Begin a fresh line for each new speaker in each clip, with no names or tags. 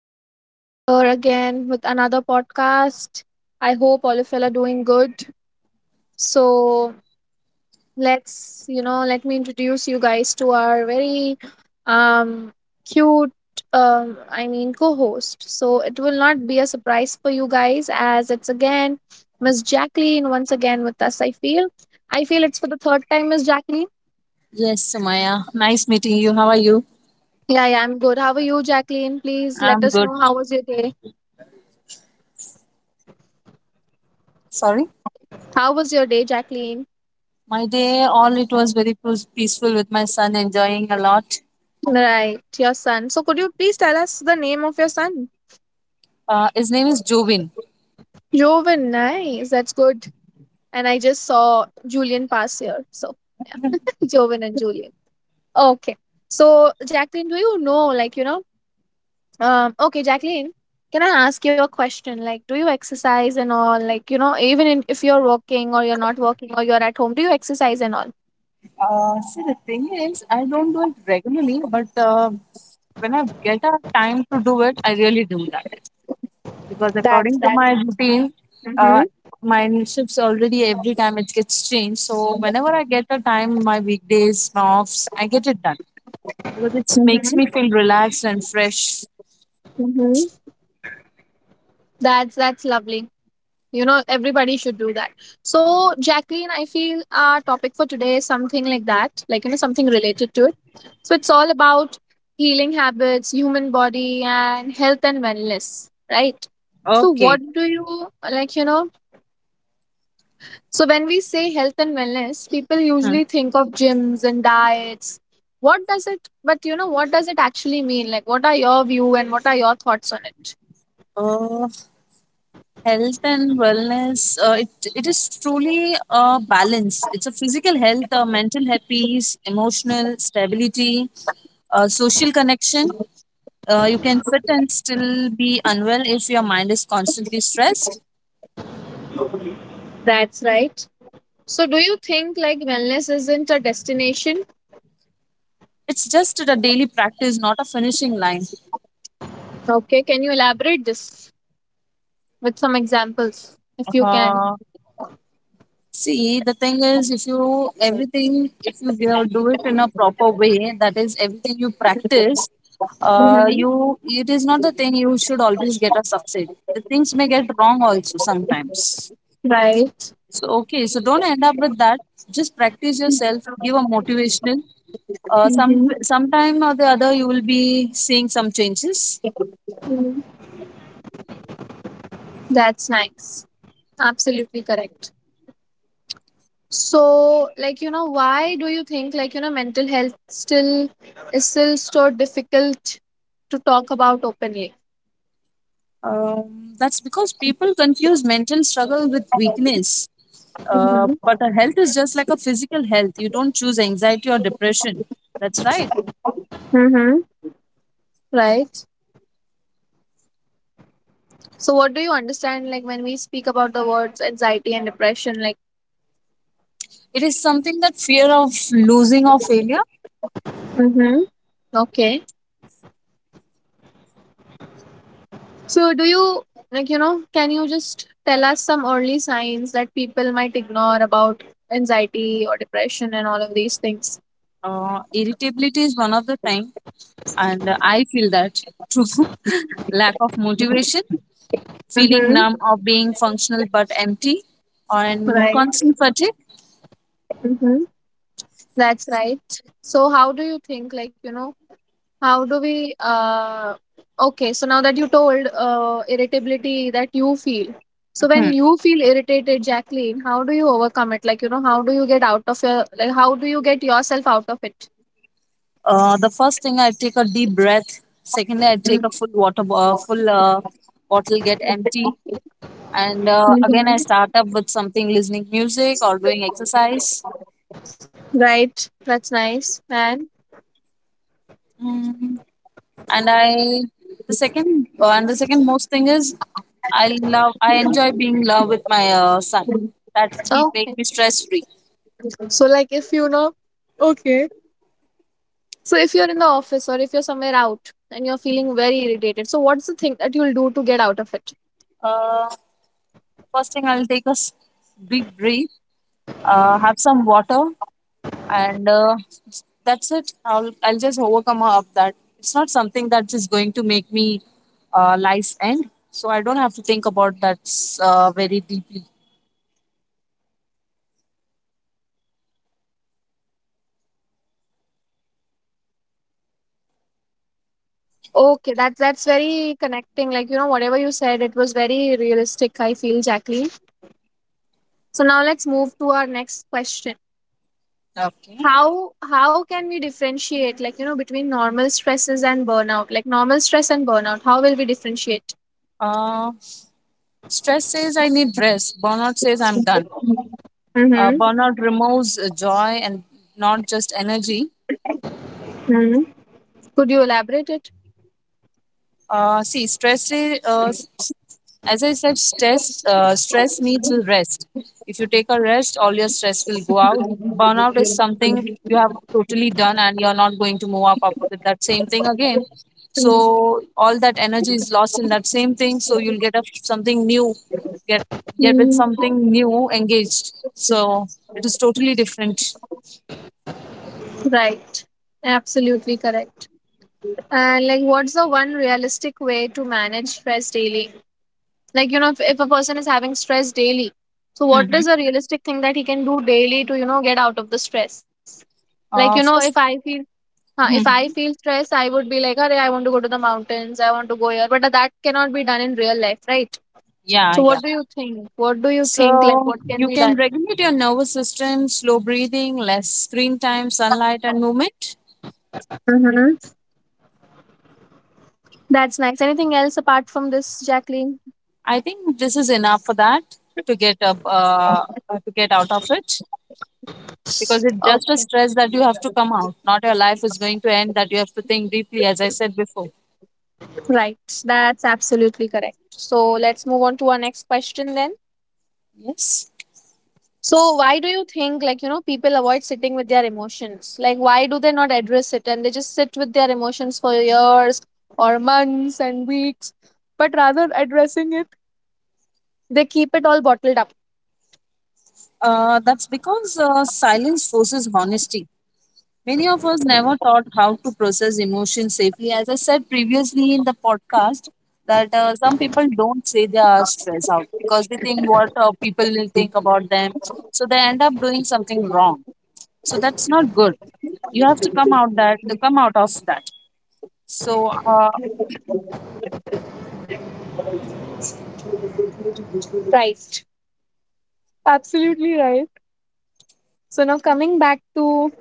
it's Sumaya here again with another podcast. I hope all of y'all are doing good. So, let me introduce you guys to our very um, cute, I mean, co host. So, it will not be a surprise for you guys as it's again Miss Jacqueline once again with us. I feel it's for the third time, Miss Jacqueline.
Yes, Sumaya. Nice meeting you. How are you?
Yeah, yeah, I'm good. How are you, Jacqueline? Please let
I'm
us
good.
know how was your day.
Sorry.
How was your day, Jacqueline?
My day, all it was very peaceful with my son, enjoying a lot.
Right, your son. So could you please tell us the name of your son?
His name is Jobin.
Joven, nice. That's good. And I just saw Julian pass here. So Joven and Julian. Okay. So Jacqueline, do you know, like, you know, okay, Jacqueline, can I ask you a question? Like, do you exercise and all? Like, even if you're working or you're not working or you're at home, do you exercise and all?
See, the thing is, I don't do it regularly, but when I get a time to do it, I really do that because according to
That's
my routine,
Mm-hmm,
uh, my shifts already every time it gets changed. So whenever I get a time, my weekdays, my offs, I get it done because it makes me
mm-hmm,
feel relaxed and fresh.
mm-hmm. That's lovely. You know, everybody should do that. So Jacqueline, I feel our topic for today is something like that, like, something related to it. So it's all about healing habits, human body, and health and wellness, right? so
Okay.
what do you like you know So when we say health and wellness, people
Huh.
usually think of gyms and diets. What does it But what does it actually mean? Like, what are your view and what are your thoughts on it?
Uh, health and wellness, it is truly a balance. It's a physical health, mental health peace, emotional stability, social connection. You can fit and still be unwell if your mind is constantly stressed.
That's right. So do you think, like, wellness isn't a destination?
It's just a daily practice, not a finishing line.
Okay, can you elaborate this with some examples if you can?
Uh, See, the thing is, if you everything, if you do it in a proper way, that is everything you practice,
Mhm.
you It is not the thing you should always get a success. The things may get wrong also sometimes.
Right.
So okay, so don't end up with that. Just practice yourself. Give a motivational. Uh, some
Mhm.
sometime or the other, you will be seeing some changes.
That's nice. Absolutely correct. So, like, why do you think, like, mental health still is still so difficult to talk about openly?
That's because people confuse mental struggle with weakness.
Mhm.
But a health is just like a physical health. You don't choose anxiety or depression. That's right.
Mm-hmm. Right. So, what do you understand, like, when we speak about the words anxiety and depression? Like,
It is something that fear of losing or failure.
mm-hmm. Okay. So, do you like you know? Can you just tell us some early signs that people might ignore about anxiety or depression and all of these things?
Irritability is one of the time, and I feel that too. Lack of motivation, feeling numb
Mm-hmm.
or being functional but empty, and
Right.
constant fatigue.
Mm-hmm. That's right. So how do you think? How do we? Okay. So now that you told irritability that you feel. So when
Hmm.
you feel irritated, Jacqueline, how do you overcome it? How do you get out of your like? How do you get yourself out of it?
The first thing, I take a deep breath. Secondly, I take a full water, bo- full bottle, get empty, and again I start
Mm-hmm.
up with something, listening music or doing exercise.
Right. That's nice. And
Mm, and i the second uh, and the second most thing is I love I enjoy being in love with my son. That be,
Oh,
make me stress free.
so like if you know, okay. So if you're in the office or if you're somewhere out and you're feeling very irritated, so what's the thing that you'll do to get out of it?
uh, first thing I'll take big breath. Have some water, and that's it. I'll just overcome up that. It's not something that is going to make me life's end, so I don't have to think about that very deeply.
Okay, that's very connecting. Like, whatever you said, it was very realistic. I feel, Jacqueline. So now let's move to our next question.
Okay.
How can we differentiate, like, between normal stresses and burnout? Like normal stress and burnout, how will we differentiate?
Uh, stress says I need rest. Burnout says I'm done.
Mm-hmm.
Burnout removes joy and not just energy.
hmm Could you elaborate it?
See, as I said, stress needs a rest. If you take a rest, all your stress will go out. Burnout is something you have totally done, and you're not going to move up with that same thing again. So all that energy is lost in that same thing. So you'll get up something new, get get with
Mm.
something new, engaged. So it is totally different.
Right. Absolutely correct. And, like, what's the one realistic way to manage stress daily? Like, if a person is having stress daily, so what is
Mm-hmm.
a realistic thing that he can do daily to, get out of the stress? Like, you know, if
First,
I feel if I feel stress, I would be like, "Arey, I want to go to the mountains. I want to go here." But that cannot be done in real life, right?
yeah,
So,
yeah.
what do you think? What do you think? Like,
So
what
you
can be
can
done?
regulate your nervous system, slow breathing, less screen time, sunlight, and movement.
Mm-hmm. That's nice. Anything else apart from this, Jacqueline?
I think this is enough for that to get up, to get out of it because it's just a
Okay.
stress that you have to come out. Not your life is going to end. That you have to think deeply, as I said before.
Right, that's absolutely correct. So let's move on to our next question then.
Yes.
So why do you think, like, people avoid sitting with their emotions? Like why do they not address it and they just sit with their emotions for years or months and weeks, but rather addressing it, they keep it all bottled up.
That's because silence forces honesty. Many of us never taught how to process emotions safely. As I said previously in the podcast, that some people don't say they are stressed out because they think what people will think about them. So they end up doing something wrong. So that's not good. You have to come out that come out of that. So uh,
Right. Absolutely right. So now coming back to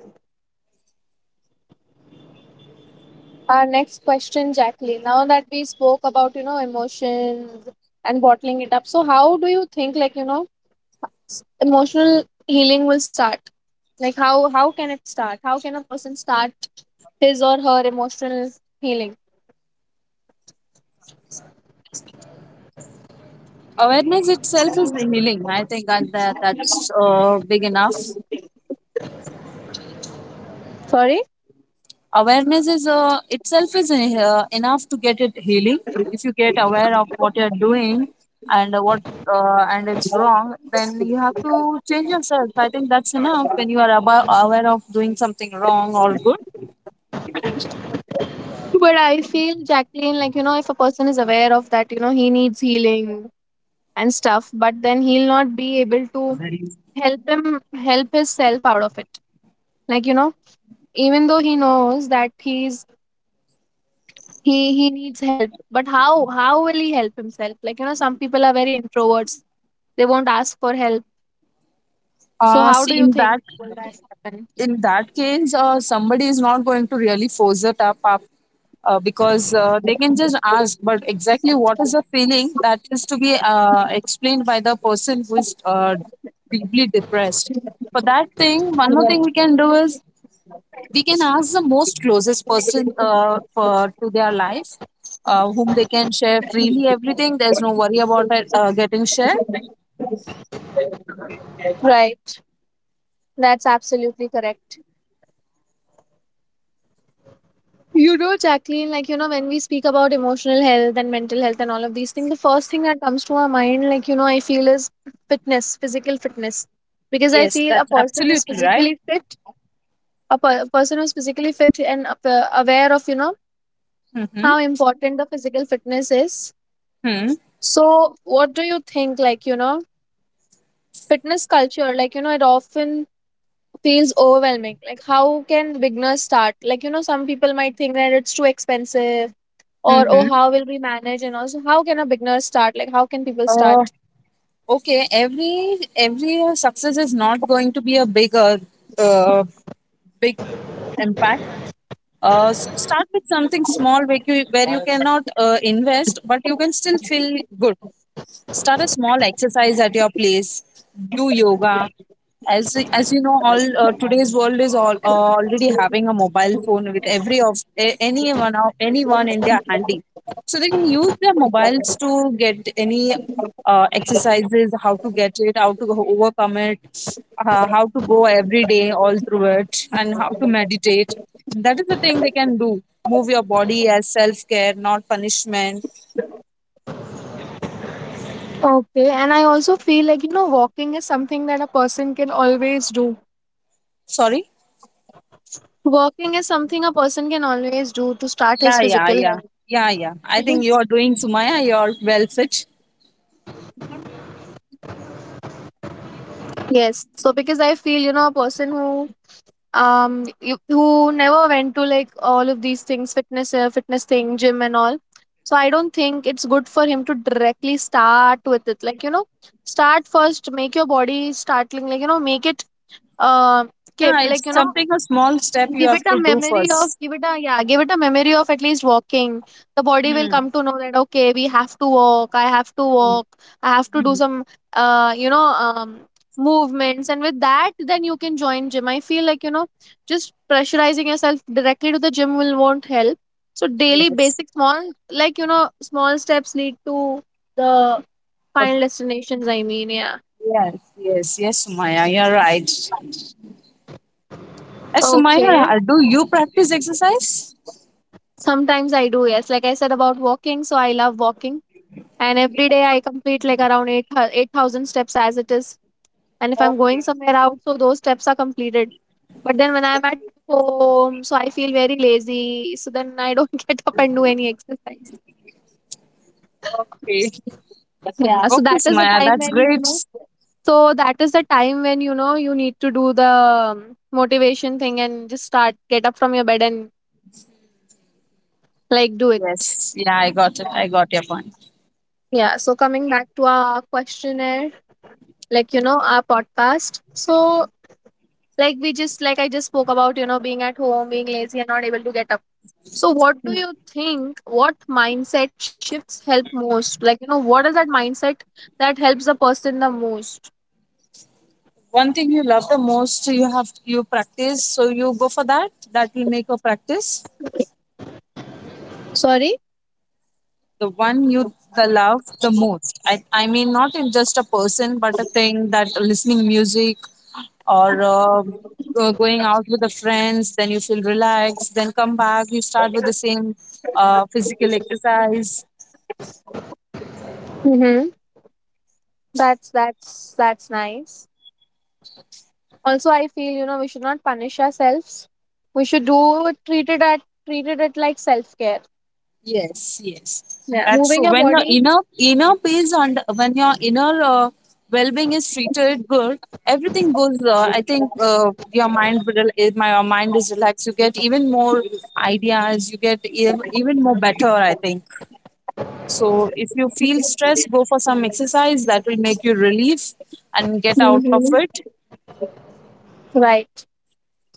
our next question, Jacqueline. Now that we spoke about emotions and bottling it up, so how do you think, like, emotional healing will start? Like how can it start? How can a person start his or her emotional healing?
awareness itself is healing. I think that, that's big enough.
Sorry.
Awareness is itself is enough to get it healing, if you get aware of what you're doing and what and it's wrong, then you have to change yourself. I think that's enough when you are aware of doing something wrong or good.
But I feel, Jacqueline, like, if a person is aware of that, he needs healing and stuff, but then he'll not be able to help him help himself out of it. Like, even though he knows that he needs help, but how will he help himself? Like, some people are very introverts, they won't ask for help, so how do
See,
you
in
think
that,
will that happen?
in that case, somebody is not going to really force it up, because they can just ask, but exactly what is the feeling that is to be explained by the person who is deeply depressed. For that thing, one more thing we can do is we can ask the most closest person to their life, whom they can share freely everything. There's no worry about it getting shared.
Right. That's absolutely correct. You know, Jacqueline, like, when we speak about emotional health and mental health and all of these things, the first thing that comes to our mind, like, I feel is fitness, physical fitness. Because I
Yes,
feel a
that's
person is
absolutely right.
physically fit, a person who's physically fit and aware of,
Mm-hmm.
how important the physical fitness is. So, what do you think, like, fitness culture, like, it often feels overwhelming. Like, how can beginners start? Like, some people might think that it's too expensive or, oh,
Mm-hmm.
how will we manage? And also, how can a beginner start? Like, how can people start?
Okay, every success is not going to be a bigger uh, uh, big impact. So start with something small where where you cannot invest but you can still feel good. Start a small exercise at your place. Do yoga. As you know, all today's world is all already having a mobile phone with every of anyone of anyone in their handy, so they can use their mobiles to get any exercises, how to get it, how to overcome it, how to go every day all through it, and how to meditate. That is the thing they can do. Move your body as self care, not punishment.
Okay, and I also feel, like, walking is something that a person can always do.
Sorry.
Walking is something a person can always do to start his
Yeah, yeah,
physical
yeah,
health.
yeah, yeah. I think
Because
you are doing, Sumaya. You are well fit.
Yes, so because I feel, a person who who never went to like all of these things, fitness thing, gym and all. So I don't think it's good for him to directly start with it. Like, start first, make your body startling, like, make it uh
Yeah,
like,
it's something a small step you
give
have
it a
to do
memory of
first.
give it a yeah, give it a memory of at least walking. The body will
Hmm.
come to know that, okay, we have to walk, I have to
Hmm,
walk. I have to do
hmm.
some uh you know um movements, and with that, then you can join gym. I feel, like, just pressurizing yourself directly to the gym, will won't help. So, daily
Yes.
basic small, like, small steps lead to the
Uh,
final destinations, I mean, yeah.
yes, yes, yes, Sumaya. You're right. Sumaya,
Okay,
do you practice exercise?
sometimes I do, yes, like I said about walking, so I love walking. And every day I complete like around 8,000 steps as it is. And if I'm going
Okay,
somewhere out, so those steps are completed. But then when I'm at home, so I feel very lazy. So then I don't get up and do any exercise.
okay,
Yeah. So
okay, Sumaya. That's great.
that is the time when, you need to do the motivation thing and just start, get up from your bed and like do it.
Yes. Yeah, I got it. I got your point.
Yeah, so coming back to our questionnaire, like, our podcast. So like I just spoke about being at home, being lazy and not able to get up. So what do
Hmm.
you think? What mindset shifts help most? Like, what is that mindset that helps the person the most?
One thing you love the most, you have you practice, so you go for that. That will make a practice.
Sorry.
The one you the love the most, I mean not in just a person but a thing, that listening music or going out with the friends, then you feel relaxed, then come back, you start with the same physical exercise.
Mm-hmm. That's nice. Also I feel, we should not punish ourselves, we should do it, treat it at like self-care,
Yes, yes,
yeah,
that's
moving
true.
your
When your
body.
inner peace and when your inner well-being is treated good, everything goes. I think your mind will, eh, my your mind is relaxed. You get even more ideas. You get even more better. I think so. If you feel stressed, go for some exercise. That will make you relief and get out of
Mhm.
it.
Right.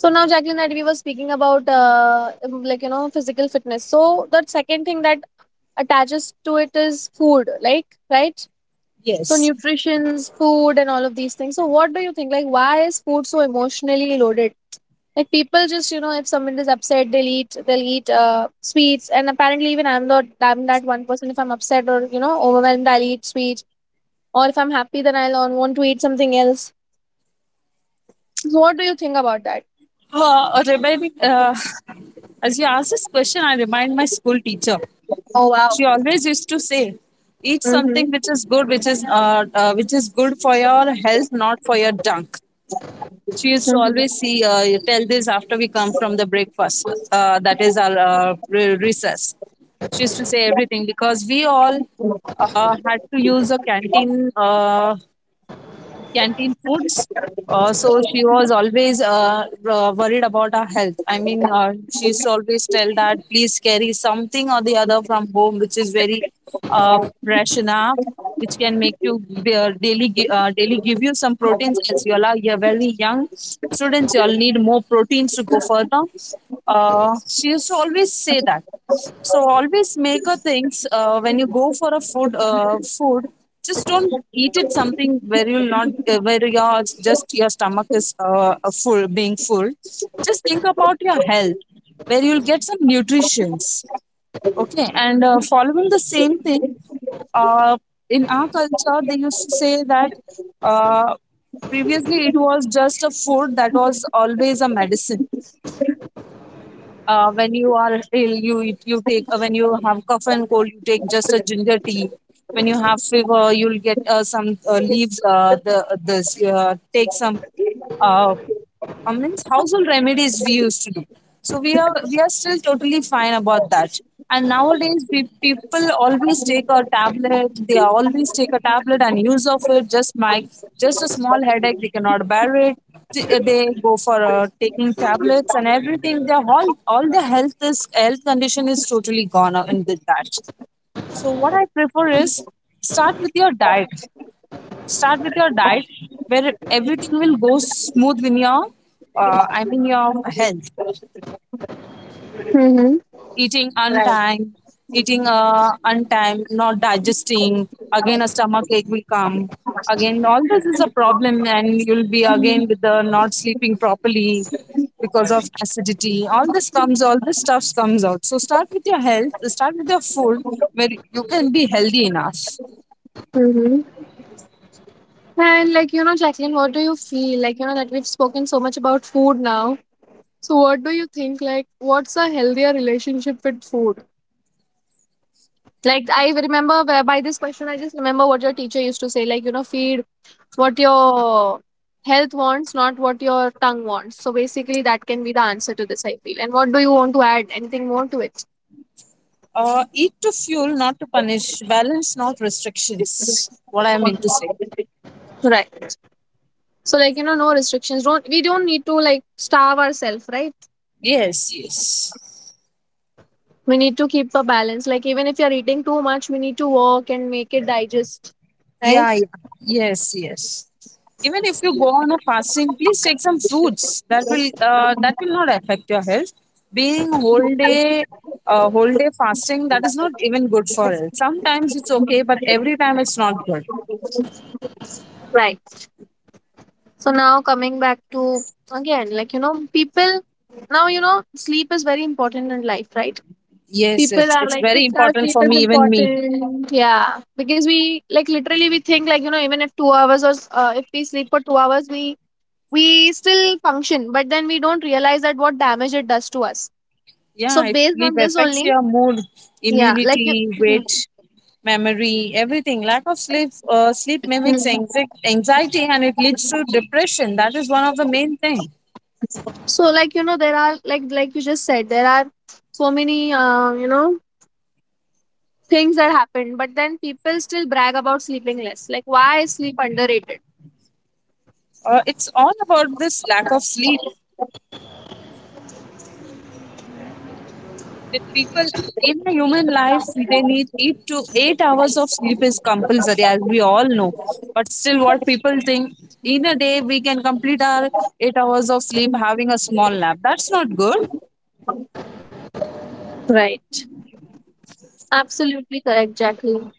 So now, Jacqueline, that we were speaking about, like, physical fitness. So the second thing that attaches to it is food, like, right. So
Yes.
nutrition's food and all of these things. So what do you think? Like, why is food so emotionally loaded? Like, people just, if someone is upset, they'll eat sweets. And apparently, even I'm not, I'm that one person. If I'm upset or overwhelmed, I'll eat sweets. Or if I'm happy, then I'll want to eat something else. So what do you think about that?
Uh, reminding, uh, as you ask this question, I remind my school teacher.
Oh wow.
She always used to say, eat something which
Mm-hmm.
is good, which is good for your health, not for your junk. She used to always see, you tell this after we come from the breakfast, that is our recess. She used to say everything because we all had to use a canteen, canteen foods. So she was always worried about our health. I mean, she used to always tell that please carry something or the other from home, which is very fresh enough, which can make you daily give you some proteins, as you are you're very young students. You all need more proteins to go further. She used to always say that. So always make a things when you go for a food. Food, just don't eat it something where you'll not where your just your stomach is full, being full. Just think about your health, where you'll get some nutritions. Okay, and following the same thing, uh, in our culture they used to say that uh, previously it was just a food that was always a medicine. When you are ill, you take when you have cough and cold, you take just a ginger tea. When you have fever, you'll get some leaves the this take some uh, I mean, household remedies we used to do. So we are still totally fine about that. And nowadays, people always take a tablet. They always take a tablet and use of it. Just a small headache, they cannot bear it. They go for taking tablets and everything. Their all the health condition is totally gone out in the that. So what I prefer is start with your diet. Start with your diet where everything will go smooth in your, I mean, your health.
Mm-hmm.
eating untimed, eating untimed, not digesting. Again, a stomach ache will come. Again, all this is a problem, and you'll be again with the not sleeping properly because of acidity. All this comes, all this stuff comes out. So start with your health. Start with your food, where you can be healthy enough.
Mm-hmm. And, like, Jacqueline, what do you feel? Like, that we've spoken so much about food now. So what do you think? Like, what's a healthier relationship with food? Like, I remember by this question, I just remember what your teacher used to say, like, feed what your health wants, not what your tongue wants. So basically, that can be the answer to this, I feel. And what do you want to add? Anything more to it?
Eat to fuel, not to punish. Balance, not restrictions. What I mean to say.
Right. So, like, no restrictions. Don't We don't need to, like, starve ourselves, right?
Yes, yes.
We need to keep a balance. Like even if you're eating too much, we need to work and make it digest, right?
Yeah, yeah. Yes, yes. Even if you go on a fasting, please take some fruits. That will not affect your health. Being whole day fasting, that is not even good for health. Sometimes it's okay, but every time it's not good.
Right. So now coming back to again, people now sleep is very important in life, right?
Yes,
People
it's
are
it's
like
very
6 hours
important
sleep
for
is
me, even me.
important. Yeah, because we like literally we think even if 2 hours or if we sleep for 2 hours, we still function, but then we don't realize that what damage it does to us. So
Yeah, it
based
sleep
on this
affects
only,
your mood,
yeah, like you.
immunity,
Mhm.
weight, memory, everything. Lack of sleep sleep mimics anxiety, and it leads to depression. That is one of the
Mhm.
main thing.
So there are like you just said there are so many things that happen, but then people still brag about sleeping less. Like, why is sleep underrated?
It's all about this lack of sleep that people in a human life, they need 8 to 8 hours of sleep is compulsory, as we all know. But still, what people think, in a day we can complete our 8 hours of sleep having a small nap, that's not good.
Right. Absolutely correct, Jacqueline.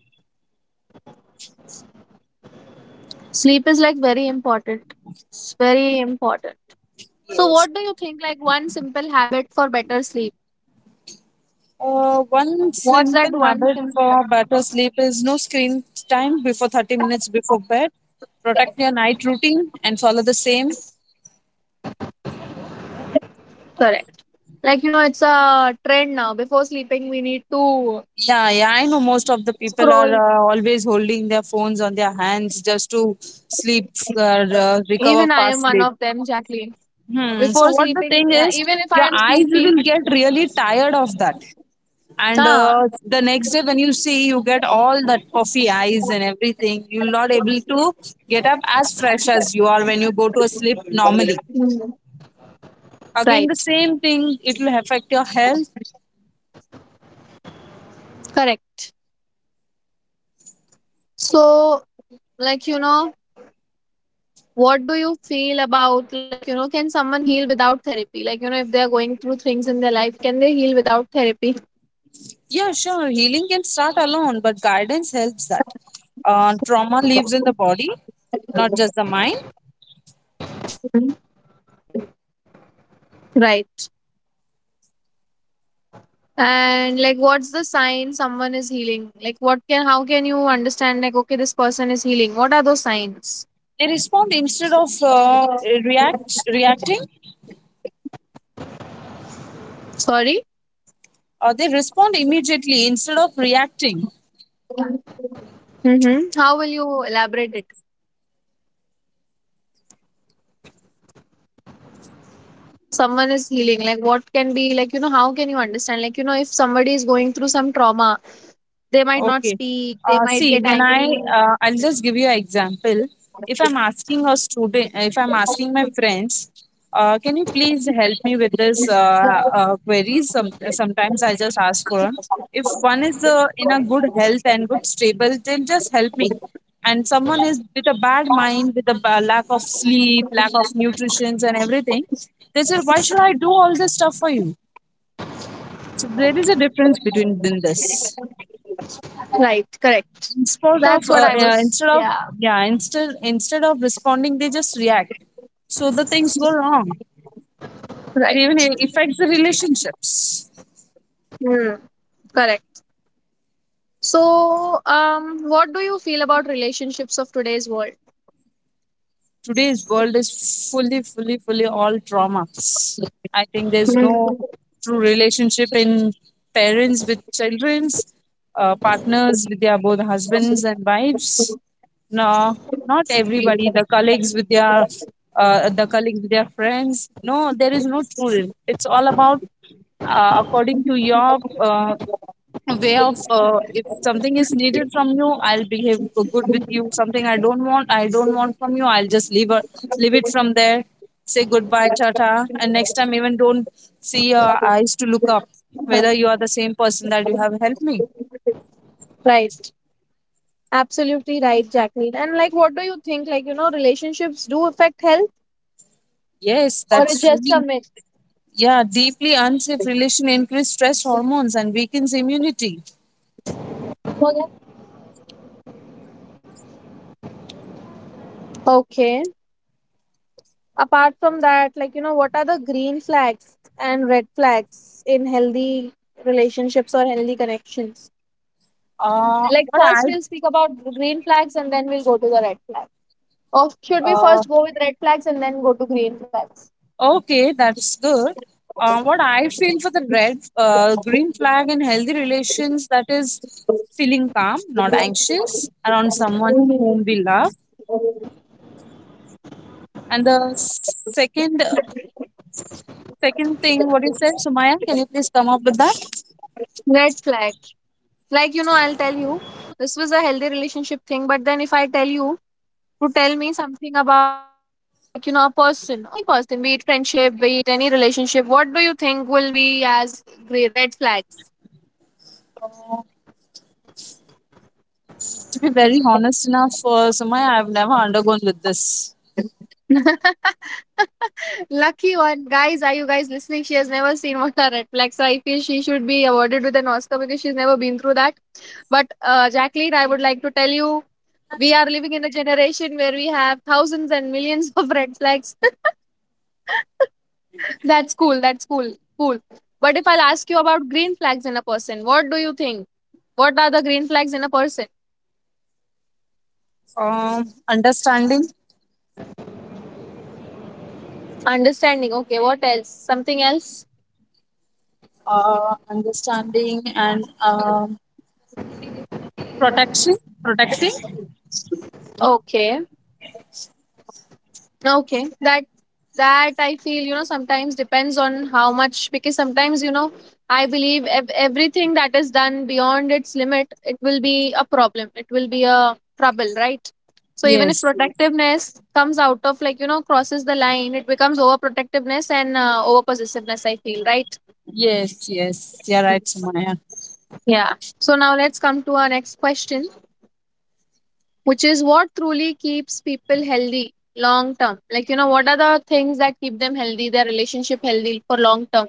Sleep is like very important. It's very important. So
Yes.
what do you think, like, one simple habit for better sleep?
One
What's that
simple
one
habit
simple?
for better sleep is no screen time before 30 minutes before bed. Protect your night routine and follow the same.
Correct. It's a trend now, before sleeping we need to
Yeah, yeah, I know most of the people are
scroll.
always holding their phones on their hands just to sleep, uh, recover
Even I am
fast
one
sleep.
of them, Jacqueline.
Hmm. So
Before
what the
sleeping,
thing is,
even if I
your
am
eyes
sleepy.
will get really tired of that, and
Ah.
the next day when you see, you get all that puffy eyes and everything. You're not able to get up as fresh as you are when you go to a sleep normally.
Mm.
Again, the
Right.
same thing. It will affect your health.
Correct. So like you know what do you feel about, can someone heal without therapy? If they are going through things in their life, can they heal without therapy?
Yeah, sure. Healing can start alone, but guidance helps that. Trauma lives in the body, not just the mind.
Right. And like, what's the sign someone is healing? Like, what can how can you understand, like, okay, this person is healing? What are those signs?
They respond instead of reacting,
Sorry.
or they respond immediately instead of reacting.
Mm-hmm. How will you elaborate it? Someone is healing, like, what can be, like how can you understand, if somebody is going through some trauma, they might not
Okay.
speak, they might
See,
get
when I
angry.
I'll just give you an example. If I'm asking a student, if I'm asking my friends, can you please help me with this queries? Sometimes I just ask for them. If one is in a good health and good stable, then just help me. And someone is with a bad mind, with a lack of sleep, lack of nutrition, and everything. They said, "Why should I do all this stuff for you?" So there is a difference between in this.
Right. Correct.
Instead
that's what
of
i was
instead of,
Yeah.
yeah, instead of responding, they just react. So the things go wrong. It
Right.
even affects the relationships.
Hmm. Correct. So, um, what do you feel about relationships of today's world?
Today's world is fully all trauma. I think there's
Hmm.
no true relationship in parents with childrens, partners with their both husbands and wives. No, not everybody. The colleagues with their friends. No, there is no true. It's all about according to your way of if something is needed from you, I'll behave good with you. Something I don't want I don't want from you, I'll just leave it, leave it from there. Say goodbye, tata. And next time, even don't see your eyes to look up whether you are the same person that you have helped me.
Right. Absolutely right, Jacqueline. And like, what do you think, relationships do affect health,
Yes,
or it's
that's
just a
really,
myth?
yeah, deeply unsafe relation increase stress hormones and weakens immunity.
Okay. Apart from that, like, you know, what are the green flags and red flags in healthy relationships or healthy connections? Like,
What I
first we'll speak about green flags and then we'll go to the red flag. Or should we
uh,
first go with red flags and then go to green flags?
Okay, that's good. What I feel for the red, green flag in healthy relations, that is feeling calm, not anxious around someone whom we love. And the second thing, what you said, Sumaya, can you please come up with that?
Red flag. Like, you know, I'll tell you, this was a healthy relationship thing, but then if I tell you, to tell me something about, like a person, or any person, be it friendship, be it any relationship, what do you think will be as red flags?
To be very honest enough, Sumaya, I've never undergone with this.
Lucky one. Guys, are you guys listening? She has never seen what are red flags, so I feel she should be awarded with an Oscar, because she's never been through that. But Jacqueline, I would like to tell you, we are living in a generation where we have thousands and millions of red flags. That's cool, that's cool, cool. But if I'll ask you about green flags in a person, what do you think? What are the green flags in a person?
Understanding,
Understanding. Okay, what else? Something else?
understanding, and protection, protecting.
Okay. Okay. That, that I feel, you know, sometimes depends on how much, because sometimes, you know, I believe everything that is done beyond its limit, it will be a problem. It will be a trouble, right? So even if
Yes, yes,
protectiveness comes out of, like, you know, crosses the line, it becomes overprotectiveness and overpossessiveness, I feel, right?
yes. Yes, you're right, Sumaya.
Yeah. So now let's come to our next question, which is, what truly keeps people healthy long term? Like, you know, what are the things that keep them healthy, their relationship healthy for long term?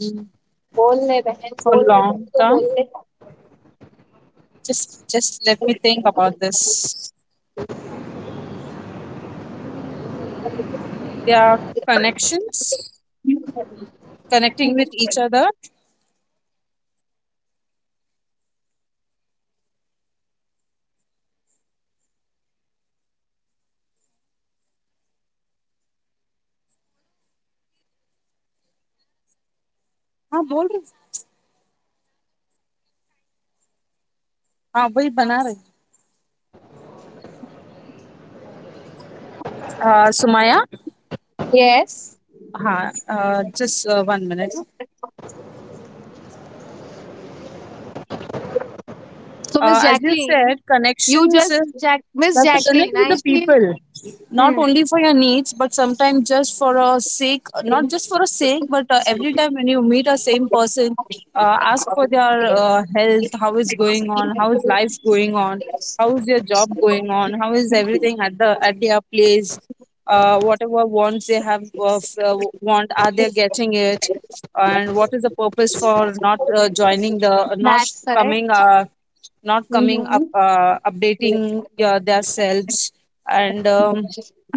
Mm, for
बोल ले बहन
long
तो
term,
बोल ले.
just let me think about this, their connections, connecting with each other. हाँ बोल रही। हाँ वही बना रही। Sumaya,
Yes.
हाँ, just 1 minute.
So, Miss
As you said,
Jacqueline, you
connections,
just, Jack,
you
Miss
have to connect
Jacqueline,
with
I
the
feel,
people, not
hmm,
only for your needs, but sometimes just for a sake, not just for a sake, but every time when you meet a same person, ask for their health, how is going on, how is life going on, how is your job going on, how is everything at the at their place, whatever wants they have, want, are they getting it? And what is the purpose for not joining the not
that's correct.
coming not coming
Mm-hmm.
up, updating their selves, and um,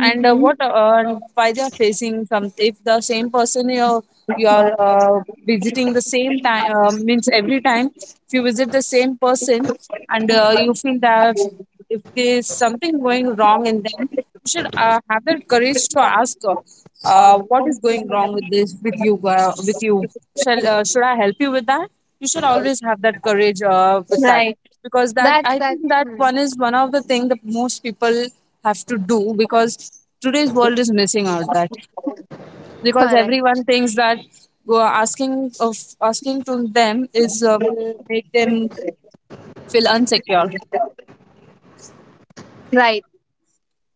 and what and why they are facing some, if the same person you are visiting the same time, means every time if you visit the same person, and you feel that if there's something going wrong in them, you should have that courage to ask, what is going wrong with this with you, shall should I help you with that? You should always have that courage with that.
Right.
Because that,
That's,
I
that's
think that
hmm,
one is one of the thing that most people have to do, because today's world is missing out that, because
correct.
everyone thinks that uh, asking of asking to them is will make them feel unsecure.
Right.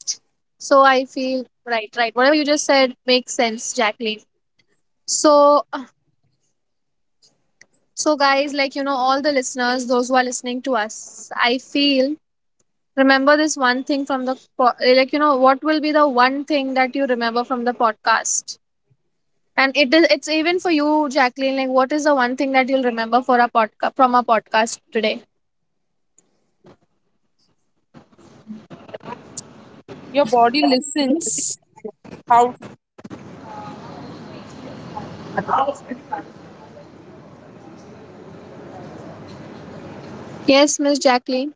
So, I feel, right, right, whatever you just said makes sense, Jacqueline. So, so, guys, like, you know, all the listeners, those who are listening to us, I feel, remember this one thing from the, like, you know, what will be the one thing that you remember from the podcast? And it is, it's even for you, Jacqueline, like, what is the one thing that you'll remember for a podcast, from a podcast today?
Your body listens. How
Yes, Miss Jacqueline.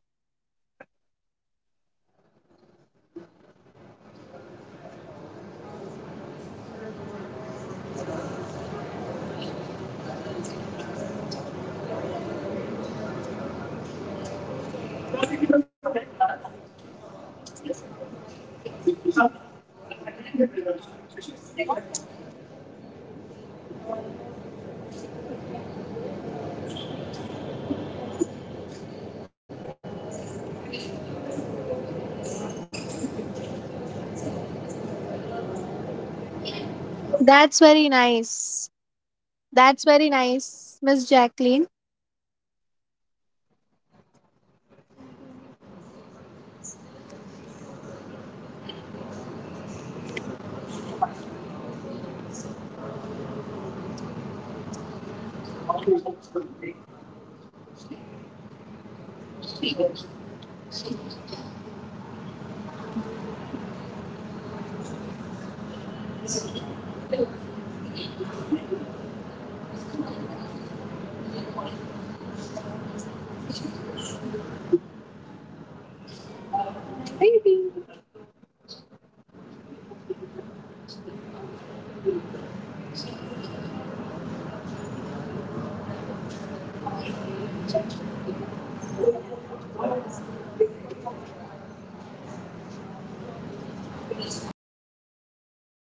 That's very nice. That's very nice, Miss Jacqueline.